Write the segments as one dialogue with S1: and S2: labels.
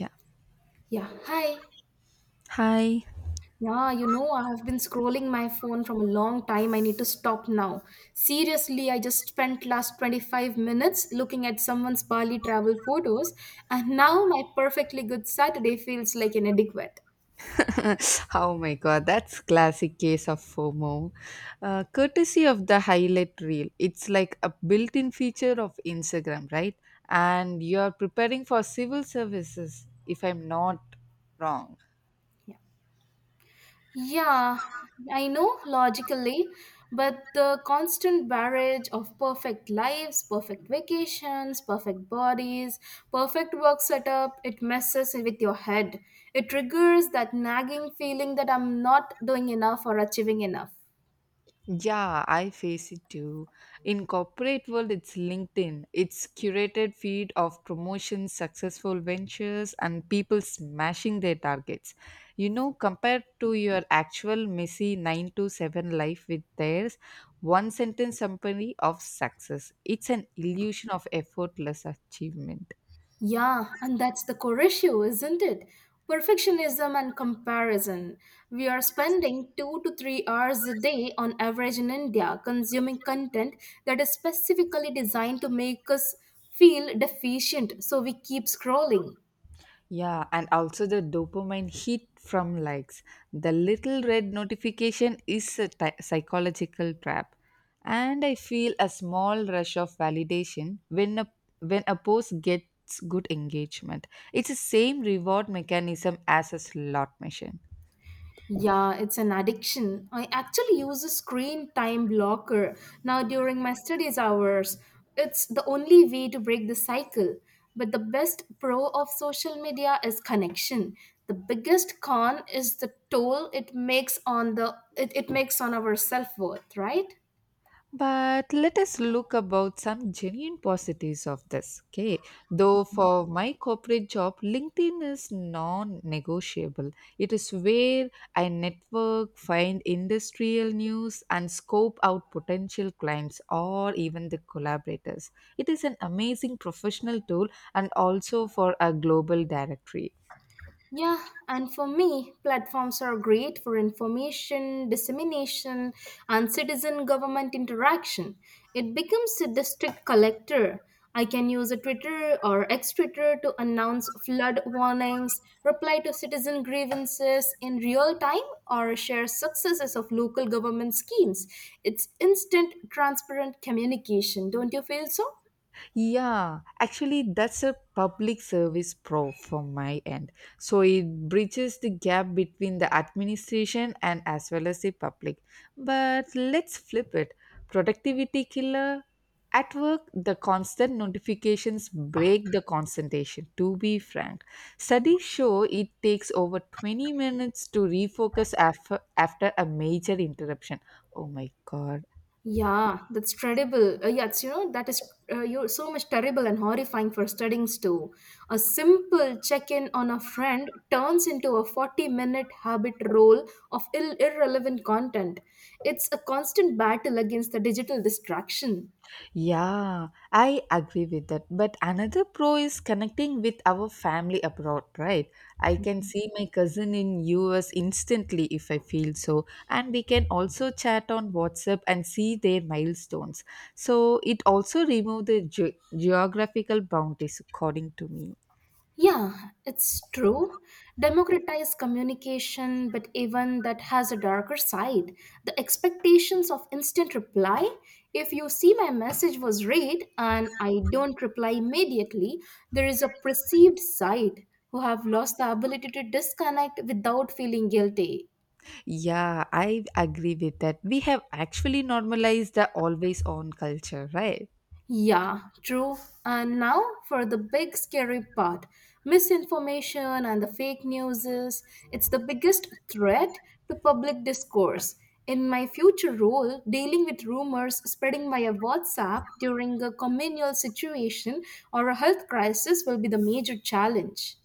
S1: Yeah.
S2: Yeah, hi.
S1: Hi.
S2: I have been scrolling my phone from a long time. I need to stop now. Seriously, I just spent last 25 minutes looking at someone's Bali travel photos, and now my perfectly good Saturday feels like inadequate.
S1: Oh my god, that's classic case of FOMO. Courtesy of the highlight reel. It's like a built-in feature of Instagram, right? And you're preparing for civil services, if I'm not wrong.
S2: Yeah. Yeah, I know logically, but the constant barrage of perfect lives, perfect vacations, perfect bodies, perfect work setup, it messes with your head. It triggers that nagging feeling that I'm not doing enough or achieving enough.
S1: Yeah, I face it too. In corporate world, it's LinkedIn. It's curated feed of promotions, successful ventures, and people smashing their targets. You know, compared to your actual messy 9 to 7 life with theirs, one sentence summary of success. It's an illusion of effortless achievement.
S2: Yeah, and that's the core issue, isn't it? Perfectionism and comparison. We are spending 2 to 3 hours a day on average in India consuming content that is specifically designed to make us feel deficient, so we keep scrolling.
S1: Yeah, and also the dopamine hit from likes. The little red notification is a psychological trap. And I feel a small rush of validation when a post gets good engagement. It's the same reward mechanism as a slot machine.
S2: Yeah, it's an addiction. I actually use a screen time blocker now during my studies hours. It's the only way to break the cycle. But the best pro of social media is connection. The biggest con is the toll it makes on the it makes on our self-worth, right?
S1: But let us look about some genuine positives of this. Okay, though for my corporate job, LinkedIn is non-negotiable. It is where I network, find industrial news, and scope out potential clients or even the collaborators. It is an amazing professional tool and also for a global directory.
S2: Yeah, and for me, platforms are great for information, dissemination, and citizen government interaction. It becomes a district collector. I can use a Twitter or X Twitter to announce flood warnings, reply to citizen grievances in real time, or share successes of local government schemes. It's instant, transparent communication. Don't you feel so?
S1: Yeah, actually, that's a public service pro from my end. So it bridges the gap between the administration and as well as the public. But let's flip it. Productivity killer at work, the constant notifications break the concentration, to be frank. Studies show it takes over 20 minutes to refocus after a major interruption. Oh my god,
S2: Yeah, that's terrible. Yeah, that is you're so much terrible and horrifying for studying too. A simple check-in on a friend turns into a 40-minute habit roll of irrelevant content. It's a constant battle against the digital distraction.
S1: yeah, I agree with that. But another pro is connecting with our family abroad, right? I can see my cousin in US instantly if I feel so, and we can also chat on WhatsApp and see their milestones. So it also remove the geographical boundaries according to me.
S2: Yeah, it's true. Democratize communication, but even that has a darker side. The expectations of instant reply. If you see my message was read and I don't reply immediately, there is a perceived side who have lost the ability to disconnect without feeling guilty.
S1: Yeah, I agree with that. We have actually normalized the always on culture, right?
S2: Yeah, true. And now for the big scary part misinformation and the fake news is it's the biggest threat to public discourse. In my future role, dealing with rumors spreading via WhatsApp during a communal situation or a health crisis will be the major challenge.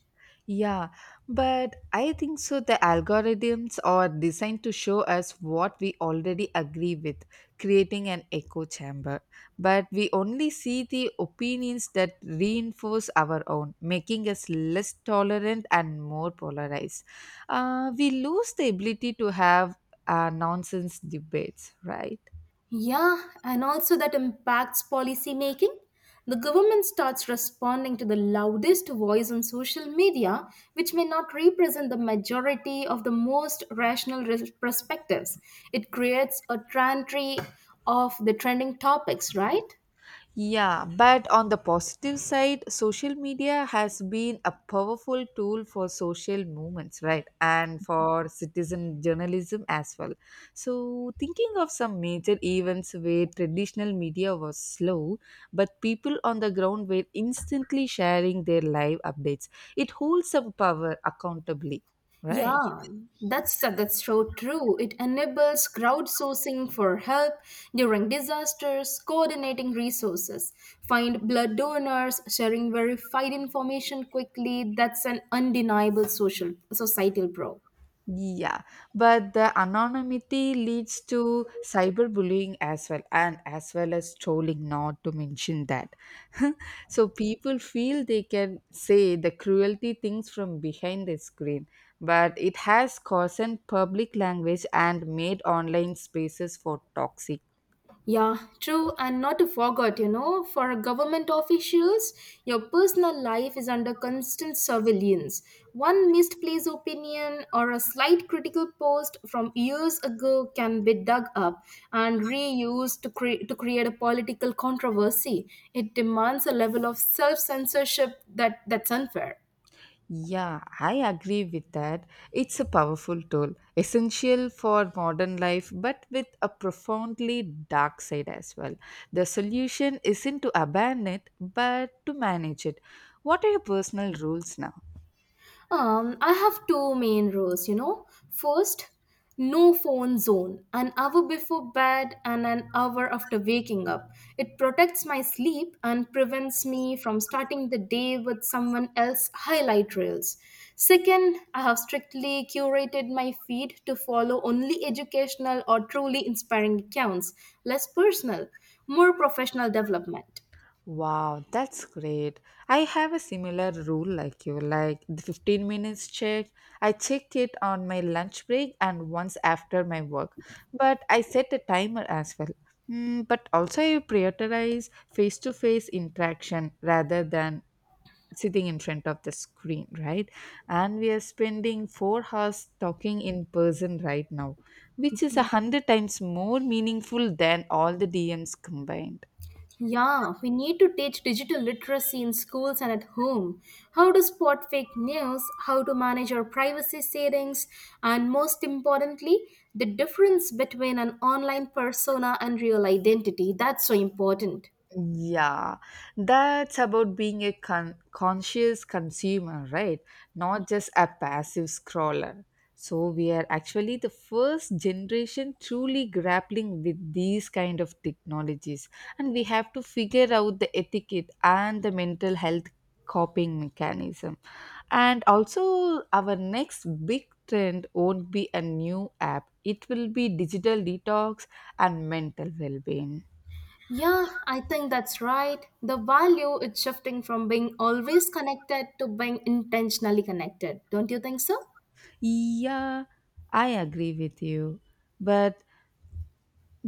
S1: Yeah, but I think so. The algorithms are designed to show us what we already agree with, creating an echo chamber. But we only see the opinions that reinforce our own, making us less tolerant and more polarized. We lose the ability to have nonsense debates, right?
S2: Yeah, and also that impacts policy making. The government starts responding to the loudest voice on social media, which may not represent the majority of the most rational perspectives. It creates a trantry of the trending topics, right?
S1: Yeah, but on the positive side, social media has been a powerful tool for social movements, right? And for citizen journalism as well. So, thinking of some major events where traditional media was slow, but people on the ground were instantly sharing their live updates, it holds some power accountably, right?
S2: Yeah, that's so true. It enables crowdsourcing for help during disasters, coordinating resources, find blood donors, sharing verified information quickly. That's an undeniable social societal pro.
S1: Yeah, but the anonymity leads to cyberbullying as well, and as well as trolling, not to mention that. So people feel they can say the cruelty things from behind the screen, but it has caused public language and made online spaces for toxic.
S2: Yeah, true. And not to forget, for government officials, your personal life is under constant surveillance. One misplaced opinion or a slight critical post from years ago can be dug up and reused to create a political controversy. It demands a level of self censorship that's unfair.
S1: Yeah, I agree with that. It's a powerful tool, essential for modern life, but with a profoundly dark side as well. The solution isn't to abandon it, but to manage it. What are your personal rules now?
S2: I have two main rules, First, no phone zone, an hour before bed and an hour after waking up. It protects my sleep and prevents me from starting the day with someone else's highlight reels. Second, I have strictly curated my feed to follow only educational or truly inspiring accounts, less personal, more professional development.
S1: Wow, that's great. I have a similar rule like you, like the 15 minutes check. I check it on my lunch break and once after my work, but I set a timer as well. Mm, but also, I prioritize face to face interaction rather than sitting in front of the screen, right? And we are spending 4 hours talking in person right now, which is 100 times more meaningful than all the DMs combined.
S2: Yeah, we need to teach digital literacy in schools and at home. How to spot fake news, how to manage our privacy settings, and most importantly, the difference between an online persona and real identity. That's so important.
S1: Yeah, that's about being a conscious consumer, right? Not just a passive scroller. So we are actually the first generation truly grappling with these kind of technologies, and we have to figure out the etiquette and the mental health coping mechanism. And also, our next big trend won't be a new app; it will be digital detox and mental well-being.
S2: Yeah, I think that's right. The value is shifting from being always connected to being intentionally connected. Don't you think so?
S1: Yeah, I agree with you. But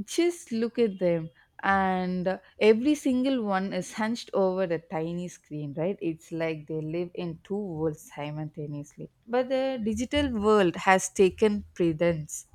S1: just look at them, and every single one is hunched over the tiny screen, right? It's like they live in two worlds simultaneously. But the digital world has taken precedence.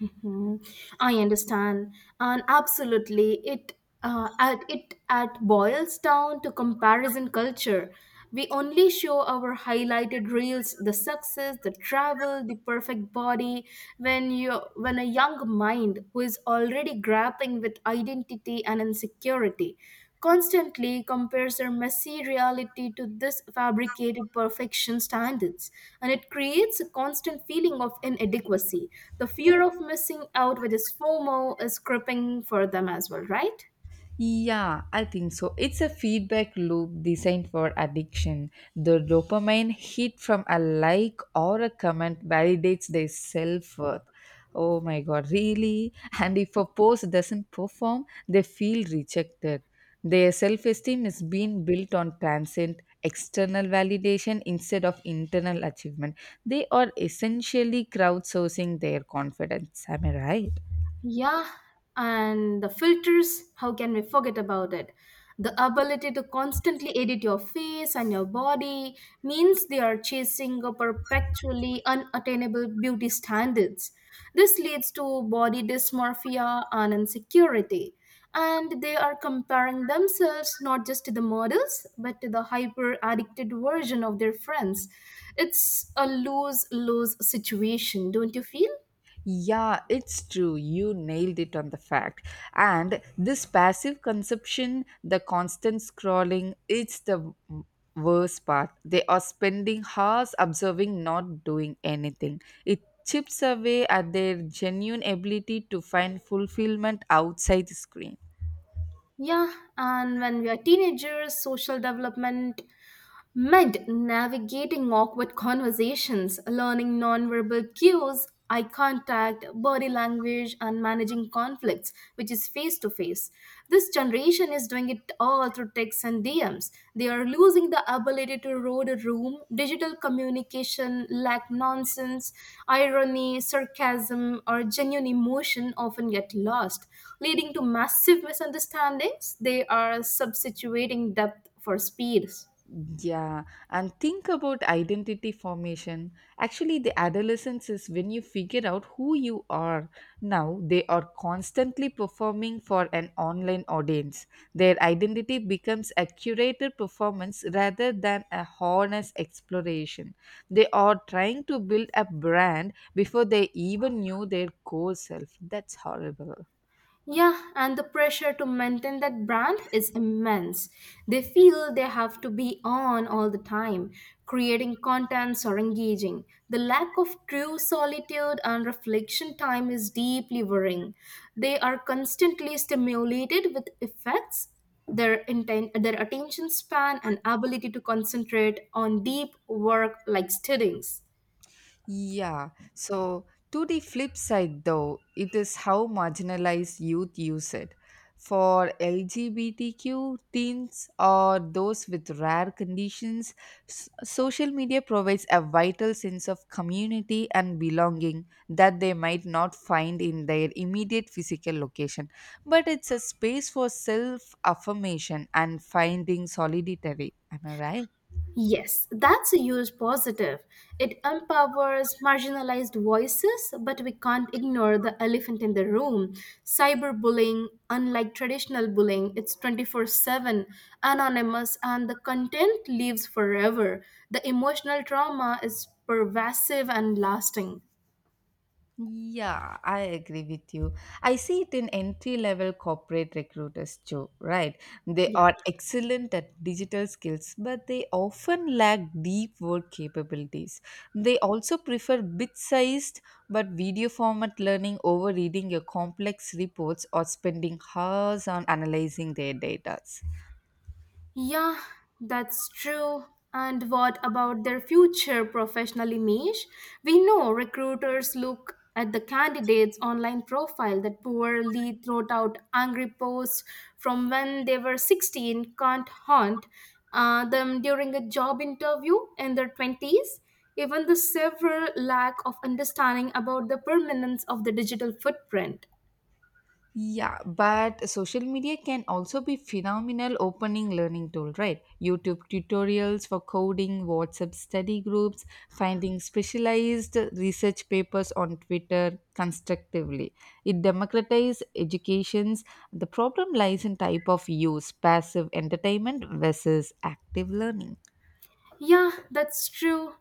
S2: Mhm. I understand, and absolutely, it at it at boils down to comparison culture. We only show our highlighted reels, the success, the travel, the perfect body. When a young mind who is already grappling with identity and insecurity constantly compares our messy reality to this fabricated perfection standards and it creates a constant feeling of inadequacy the fear of missing out with this fomo is creeping for them as well right.
S1: Yeah, I think so. It's a feedback loop designed for addiction. The dopamine hit from a like or a comment validates their self worth. Oh my god, really? And if a post doesn't perform, they feel rejected. Their self esteem is being built on transient external validation instead of internal achievement. They are essentially crowdsourcing their confidence. Am I right?
S2: Yeah, and the filters, how can we forget about it? The ability to constantly edit your face and your body means they are chasing a perpetually unattainable beauty standards. This leads to body dysmorphia and insecurity. And they are comparing themselves not just to the models, but to the hyper addicted version of their friends. It's a lose lose situation, don't you feel?
S1: Yeah, it's true. You nailed it on the fact. And this passive consumption, the constant scrolling, it's the worst part. They are spending hours observing, not doing anything. It chips away at their genuine ability to find fulfillment outside the screen.
S2: Yeah, and when we are teenagers, social development Mid navigating awkward conversations, learning nonverbal cues, eye contact, body language, and managing conflicts, which is face to face. This generation is doing it all through texts and DMs. They are losing the ability to read a room. Digital communication lack nonsense, irony, sarcasm, or genuine emotion often get lost, leading to massive misunderstandings. They are substituting depth for speeds.
S1: Yeah, and think about identity formation. Actually, the adolescence is when you figure out who you are. Now, they are constantly performing for an online audience. Their identity becomes a curated performance rather than a honest exploration. They are trying to build a brand before they even knew their core self. That's horrible.
S2: Yeah, and the pressure to maintain that brand is immense. They feel they have to be on all the time, creating contents or engaging. The lack of true solitude and reflection time is deeply worrying. They are constantly stimulated with effects. Their intent, their attention span, and ability to concentrate on deep work like studies.
S1: Yeah. So, to the flip side, though, it is how marginalized youth use it. For LGBTQ teens or those with rare conditions, social media provides a vital sense of community and belonging that they might not find in their immediate physical location. But it's a space for self affirmation and finding solidarity. Am I right?
S2: Yes, that's a huge positive. It empowers marginalized voices, but we can't ignore the elephant in the room. Cyberbullying, unlike traditional bullying, it's 24/7, anonymous, and the content lives forever. The emotional trauma is pervasive and lasting.
S1: Yeah, I agree with you. I see it in entry level corporate recruiters too, right? They are excellent at digital skills, but they often lack deep work capabilities. They also prefer bit sized but video format learning over reading your complex reports or spending hours on analyzing their data.
S2: Yeah, that's true. And what about their future professional image? We know recruiters look at the candidate's online profile that poorly thrown out angry posts from when they were 16 can't haunt them during a job interview in their 20s. Even the severe lack of understanding about the permanence of the digital footprint.
S1: Yeah, but social media can also be phenomenal opening learning tool, right? YouTube tutorials for coding, WhatsApp study groups, finding specialized research papers on Twitter constructively. It democratizes educations. The problem lies in type of use, passive entertainment versus active learning.
S2: Yeah, that's true.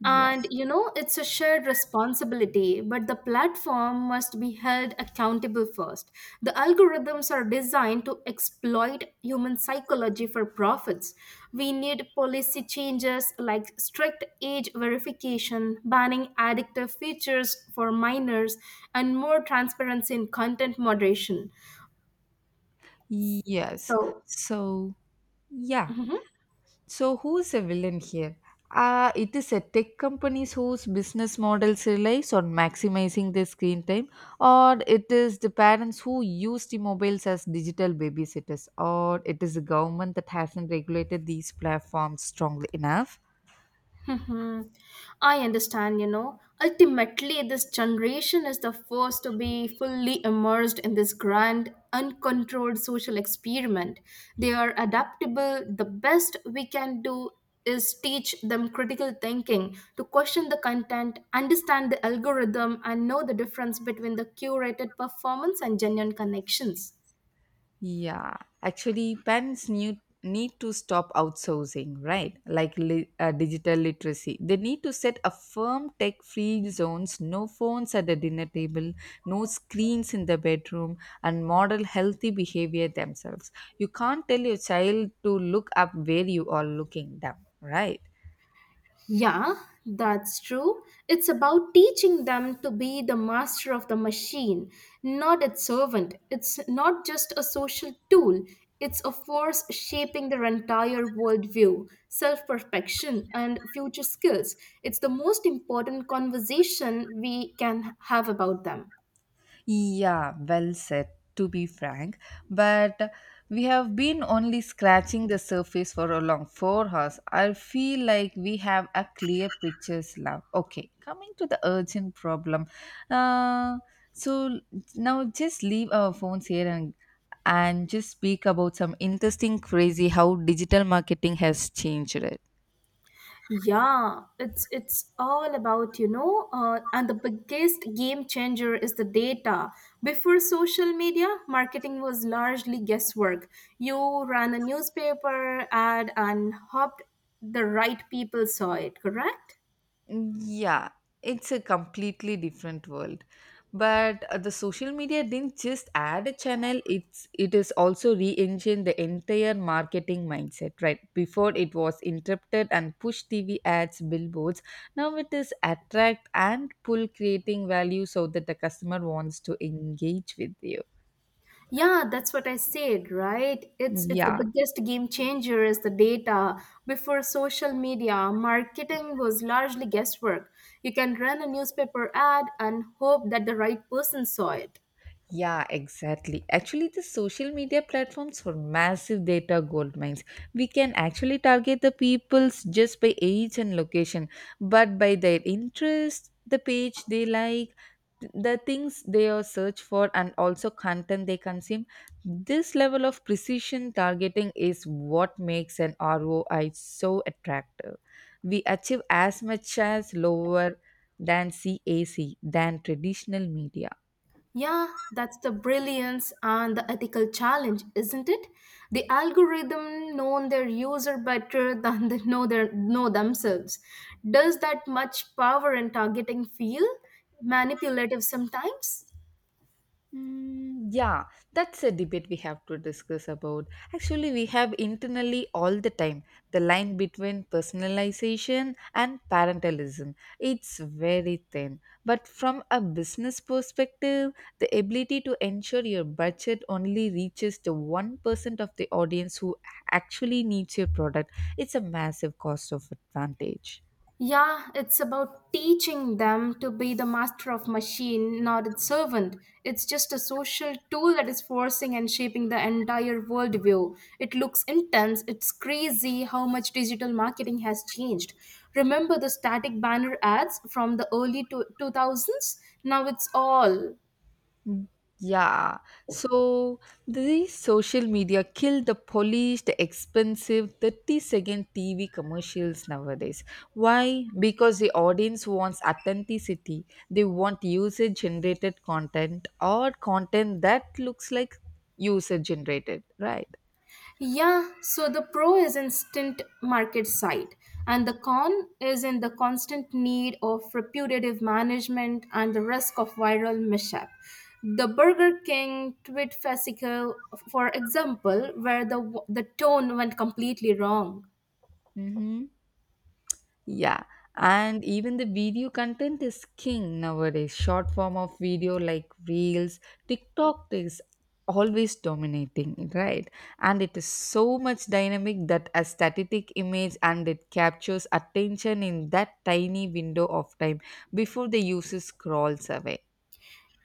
S1: Yeah.
S2: And you know, it's a shared responsibility, but the platform must be held accountable first. The algorithms are designed to exploit human psychology for profits. We need policy changes like strict age verification, banning addictive features for minors, and more transparency in content moderation.
S1: Yes.
S2: So,
S1: So, yeah.
S2: mhm.
S1: So, who's a villain here? It is a tech companies whose business models relies on maximizing their screen time, or it is the parents who use the mobiles as digital babysitters, or it is the government that hasn't regulated these platforms strongly enough.
S2: Mhm. I understand, you know. Ultimately, this generation is the first to be fully immersed in this grand, uncontrolled social experiment. They are adaptable. The best we can do is teach them critical thinking, to question the content, understand the algorithm, and know the difference between the curated performance and genuine connections.
S1: Yeah, actually, parents need to stop outsourcing, right? Like digital literacy, they need to set a firm tech-free zones, no phones at the dinner table, no screens in the bedroom, and model healthy behavior themselves. You can't tell your child to look up where you are looking down, right?
S2: Yeah, that's true. It's about teaching them to be the master of the machine, not its servant. It's not just a social tool, it's a force shaping their entire worldview, self perfection, and future skills. It's the most important conversation we can have about them.
S1: Yeah, well said, to be frank. But we have been only scratching the surface for a long 4 hours. I feel like we have a clear pictures love. Okay, coming to the urgent problem. Uh, so now just leave our phones here and just speak about some interesting crazy how digital marketing has changed it.
S2: Yeah, it's all about, you know, and the biggest game changer is the data. Before social media, marketing was largely guesswork. You ran a newspaper ad and hoped the right people saw it, correct?
S1: Yeah, it's a completely different world. But the social media didn't just add a channel, it is also re-engined the entire marketing mindset, right? Before it was interrupted and push TV ads, billboards. Now it is attract and pull creating value so that the customer wants to engage with you.
S2: Yeah, that's what I said, right? It's the
S1: Yeah.
S2: biggest game changer is the data. Before social media, marketing was largely guesswork. You can run a newspaper ad and hope that the right person saw it.
S1: Yeah, exactly. Actually, the social media platforms are massive data gold mines. We can actually target the peoples just by age and location, but by their interest, the page they like, the things they are search for, and also content they consume. This level of precision targeting is what makes an ROI so attractive. We achieve as much as lower than CAC than traditional media.
S2: Yeah, that's the brilliance and the ethical challenge, isn't it? The algorithm known their user better than they know their know themselves. Does that much power and targeting feel manipulative sometimes?
S1: Yeah, that's a debate we have to discuss about. Actually, we have internally all the time the line between personalization and parentalism. It's very thin. But from a business perspective, the ability to ensure your budget only reaches the 1% of the audience who actually needs your product, it's a massive cost of advantage.
S2: Yeah, it's about teaching them to be the master of machine, not its servant. It's just a social tool that is forcing and shaping the entire worldview. It looks intense. It's crazy how much digital marketing has changed. Remember the static banner ads from the early 2000s? Now it's all
S1: Mm. Yeah. So the social media kill the polished, expensive 30-second TV commercials nowadays. Why? Because the audience wants authenticity. They want user generated content or content that looks like user generated, right?
S2: Yeah, so the pro is instant market side, and the con is in the constant need of reputative management and the risk of viral mishap. The Burger King tweet fascicle, for example, where the tone went completely wrong.
S1: Mm-hmm. Yeah, and even the video content is king nowadays. Short form of video like Reels, TikTok is always dominating, right? And it is so much dynamic that a static image and it captures attention in that tiny window of time before the user scrolls away.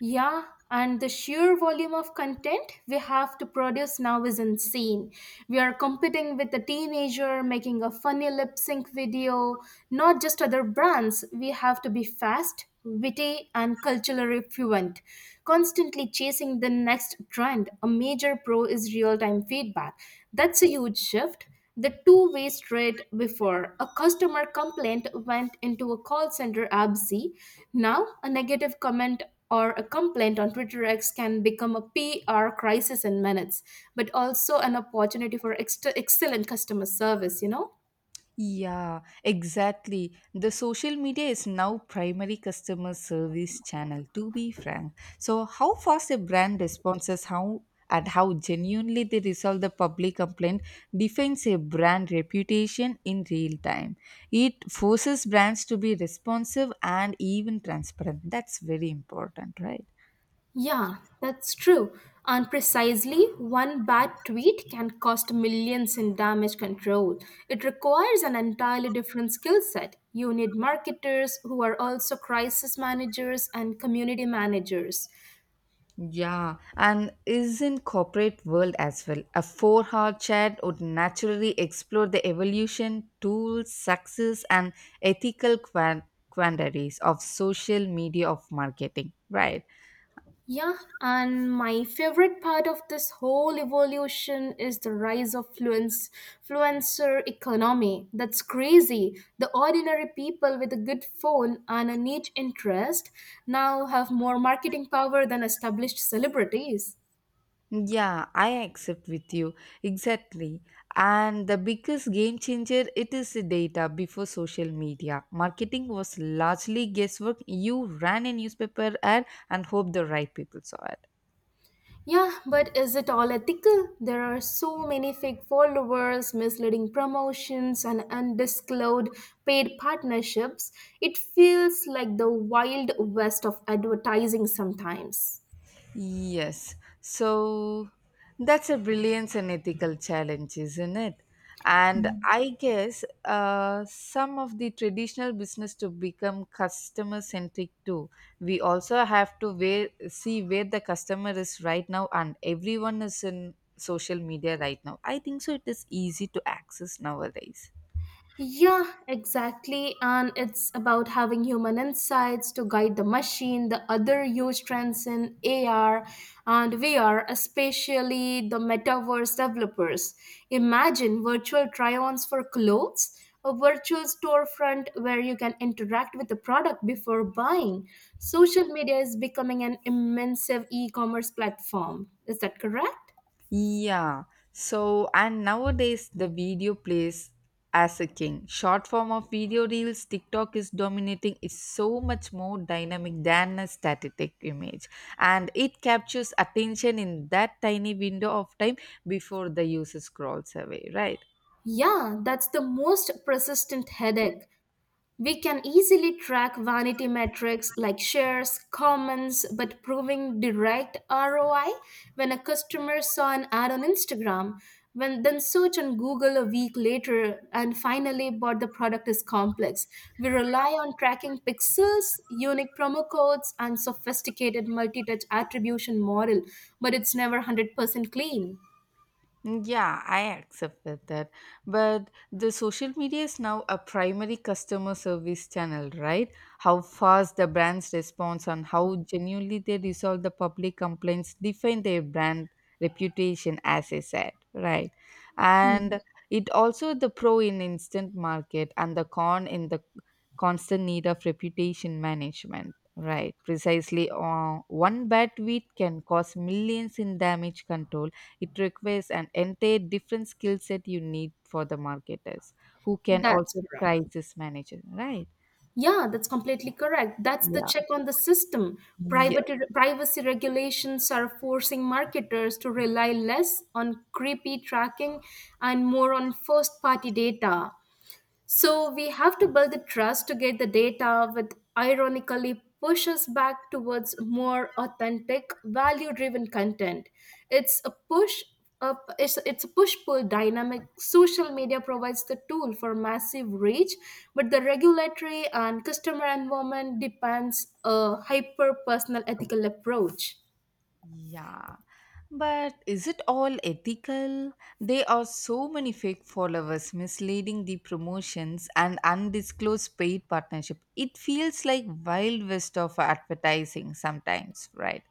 S2: Yeah, and the sheer volume of content we have to produce now is insane. We are competing with a teenager making a funny lip sync video, not just other brands. We have to be fast, witty, and culturally fluent, constantly chasing the next trend. A major pro is real time feedback. That's a huge shift. The two-way street before a customer complaint went into a call center abc. Now, a negative comment or a complaint on Twitter X can become a PR crisis in minutes, but also an opportunity for excellent customer service, you know?
S1: Yeah, exactly. The social media is now primary customer service channel, to be frank. So how fast a brand responds is how and how genuinely they resolve the public complaint defines a brand reputation in real time. It forces brands to be responsive and even transparent. That's very important, right?
S2: Yeah, that's true. And precisely one bad tweet can cost millions in damage control. It requires an entirely different skill set. You need marketers who are also crisis managers and community managers.
S1: Yeah, and is in corporate world as well. A four-hour chat would naturally explore the evolution, tools, success, and ethical quandaries of social media of marketing. Right?
S2: Yeah, and my favorite part of this whole evolution is the rise of fluencer economy. That's crazy. The ordinary people with a good phone and a niche interest now have more marketing power than established celebrities.
S1: Yeah, I accept with you exactly. And the biggest game changer it is the data before social media. Marketing was largely guesswork. You ran a newspaper ad and hope the right people saw it.
S2: Yeah, but is it all ethical? There are so many fake followers, misleading promotions, and undisclosed paid partnerships. It feels like the wild west of advertising sometimes.
S1: Yes. So that's a brilliance and ethical challenge, isn't it? And I guess some of the traditional business to become customer centric too. We also have to where, see where the customer is right now, and everyone is in social media right now. I think so. It is easy to access nowadays.
S2: Yeah, exactly. And it's about having human insights to guide the machine. The other huge trends in AR and VR, especially the metaverse developers. Imagine virtual try ons for clothes, a virtual storefront where you can interact with the product before buying. Social media is becoming an immersive e commerce platform. Is that correct?
S1: Yeah. So, and nowadays the video plays as a king. Short form of video reels, TikTok is dominating. It's so much more dynamic than a static image. And it captures attention in that tiny window of time before the user scrolls away, right?
S2: Yeah, that's the most persistent headache. We can easily track vanity metrics like shares, comments, but proving direct ROI when a customer saw an ad on Instagram, when then search on Google a week later and finally bought the product is complex. We rely on tracking pixels, unique promo codes, and sophisticated multi-touch attribution model, but it's never 100% clean.
S1: Mm, yeah, I accept that. But the social media is now a primary customer service channel, right? How fast the brands responds and how genuinely they resolve the public complaints define their brand reputation, as I said, right? And it also the pro in instant market and the con in the constant need of reputation management. Right, precisely. One bad tweet can cause millions in damage control. It requires an entire different skill set you need for the marketers who can
S2: That's
S1: also
S2: right.
S1: crisis manage it. Right.
S2: Yeah, that's completely correct. That's the
S1: Yeah.
S2: check on the system. Private, privacy regulations are forcing marketers to rely less on creepy tracking and more on first party data. So we have to build the trust to get the data, which ironically pushes back towards more authentic, value-driven content. It's a push it's a push-pull dynamic. Social media provides the tool for massive reach, but the regulatory and customer environment depends a hyper-personal ethical approach.
S1: Yeah, but is it all ethical? There are so many fake followers misleading the promotions and undisclosed paid partnership. It feels like wild west of advertising sometimes, right?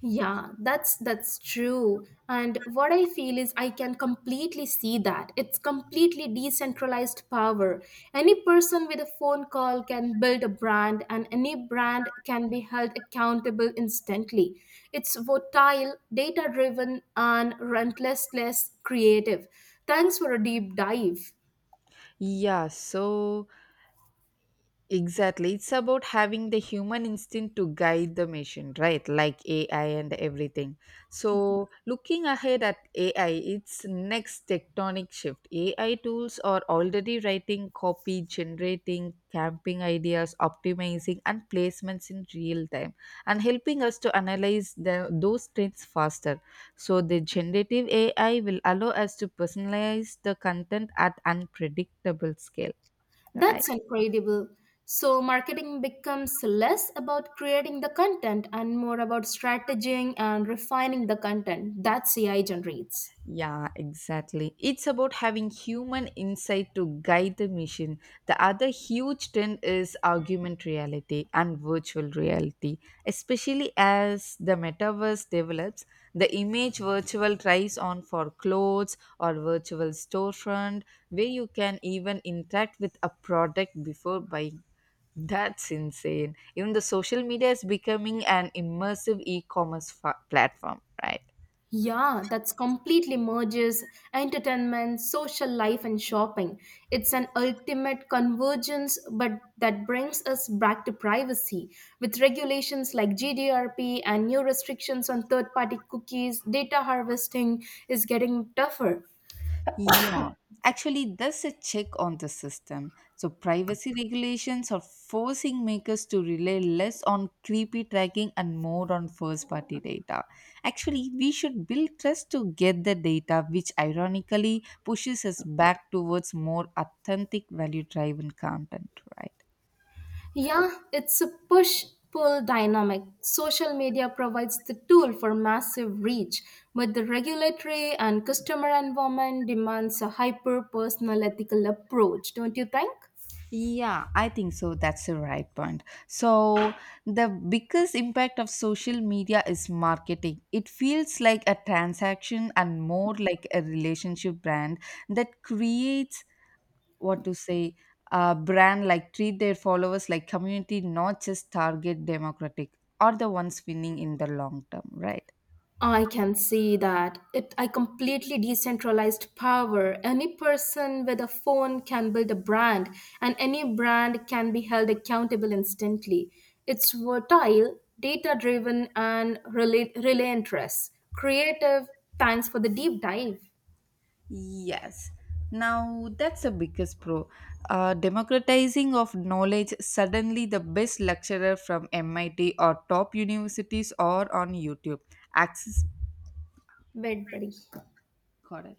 S2: Yeah, that's true. And what I feel is I can completely see that. It's completely decentralized power. Any person with a phone call can build a brand and any brand can be held accountable instantly. It's volatile, data driven and relentless creative. Thanks for a deep dive.
S1: Yeah, so exactly. It's about having the human instinct to guide the machine, right? Like AI and everything. So, looking ahead at AI, its next tectonic shift. AI tools are already writing copy, generating camping ideas, optimizing, and placements in real time, and helping us to analyze the, those trends faster. So, the generative AI will allow us to personalize the content at unpredictable scale, right?
S2: That's incredible. So, marketing becomes less about creating the content and more about strategizing and refining the content that CI generates.
S1: Yeah, exactly. It's about having human insight to guide the mission. The other huge trend is augmented reality and virtual reality. Especially as the metaverse develops, the image virtual tries on for clothes or virtual storefront where you can even interact with a product before buying. That's insane. Even the social media is becoming an immersive e-commerce platform, right?
S2: Yeah, that's completely merges entertainment, social life, and shopping. It's an ultimate convergence, but that brings us back to privacy. With regulations like GDPR and new restrictions on third party cookies, data harvesting is getting tougher.
S1: Yeah, actually, there's a check on the system. So, privacy regulations are forcing makers to rely less on creepy tracking and more on first party data. Actually, we should build trust to get the data, which ironically pushes us back towards more authentic, value driven content, right?
S2: Yeah, it's a push pull dynamic. Social media provides the tool for massive reach, but the regulatory and customer environment demands a hyper personal ethical approach, don't you think?
S1: Yeah, I think so. That's the right point. So, the biggest impact of social media is marketing. It feels like a transaction and more like a relationship brand that creates what to say a brand like treat their followers like community, not just target democratic or the ones winning in the long term, right?
S2: I can see that. It I completely decentralized power. Any person with a phone can build a brand and any brand can be held accountable instantly. It's versatile, data driven and relate relentless. Creative. Thanks for the deep dive.
S1: Yes. Now that's the biggest pro. Democratizing of knowledge. Suddenly, the best lecturer from MIT or top universities or on YouTube. Access.
S2: Wait, buddy.
S1: Got it.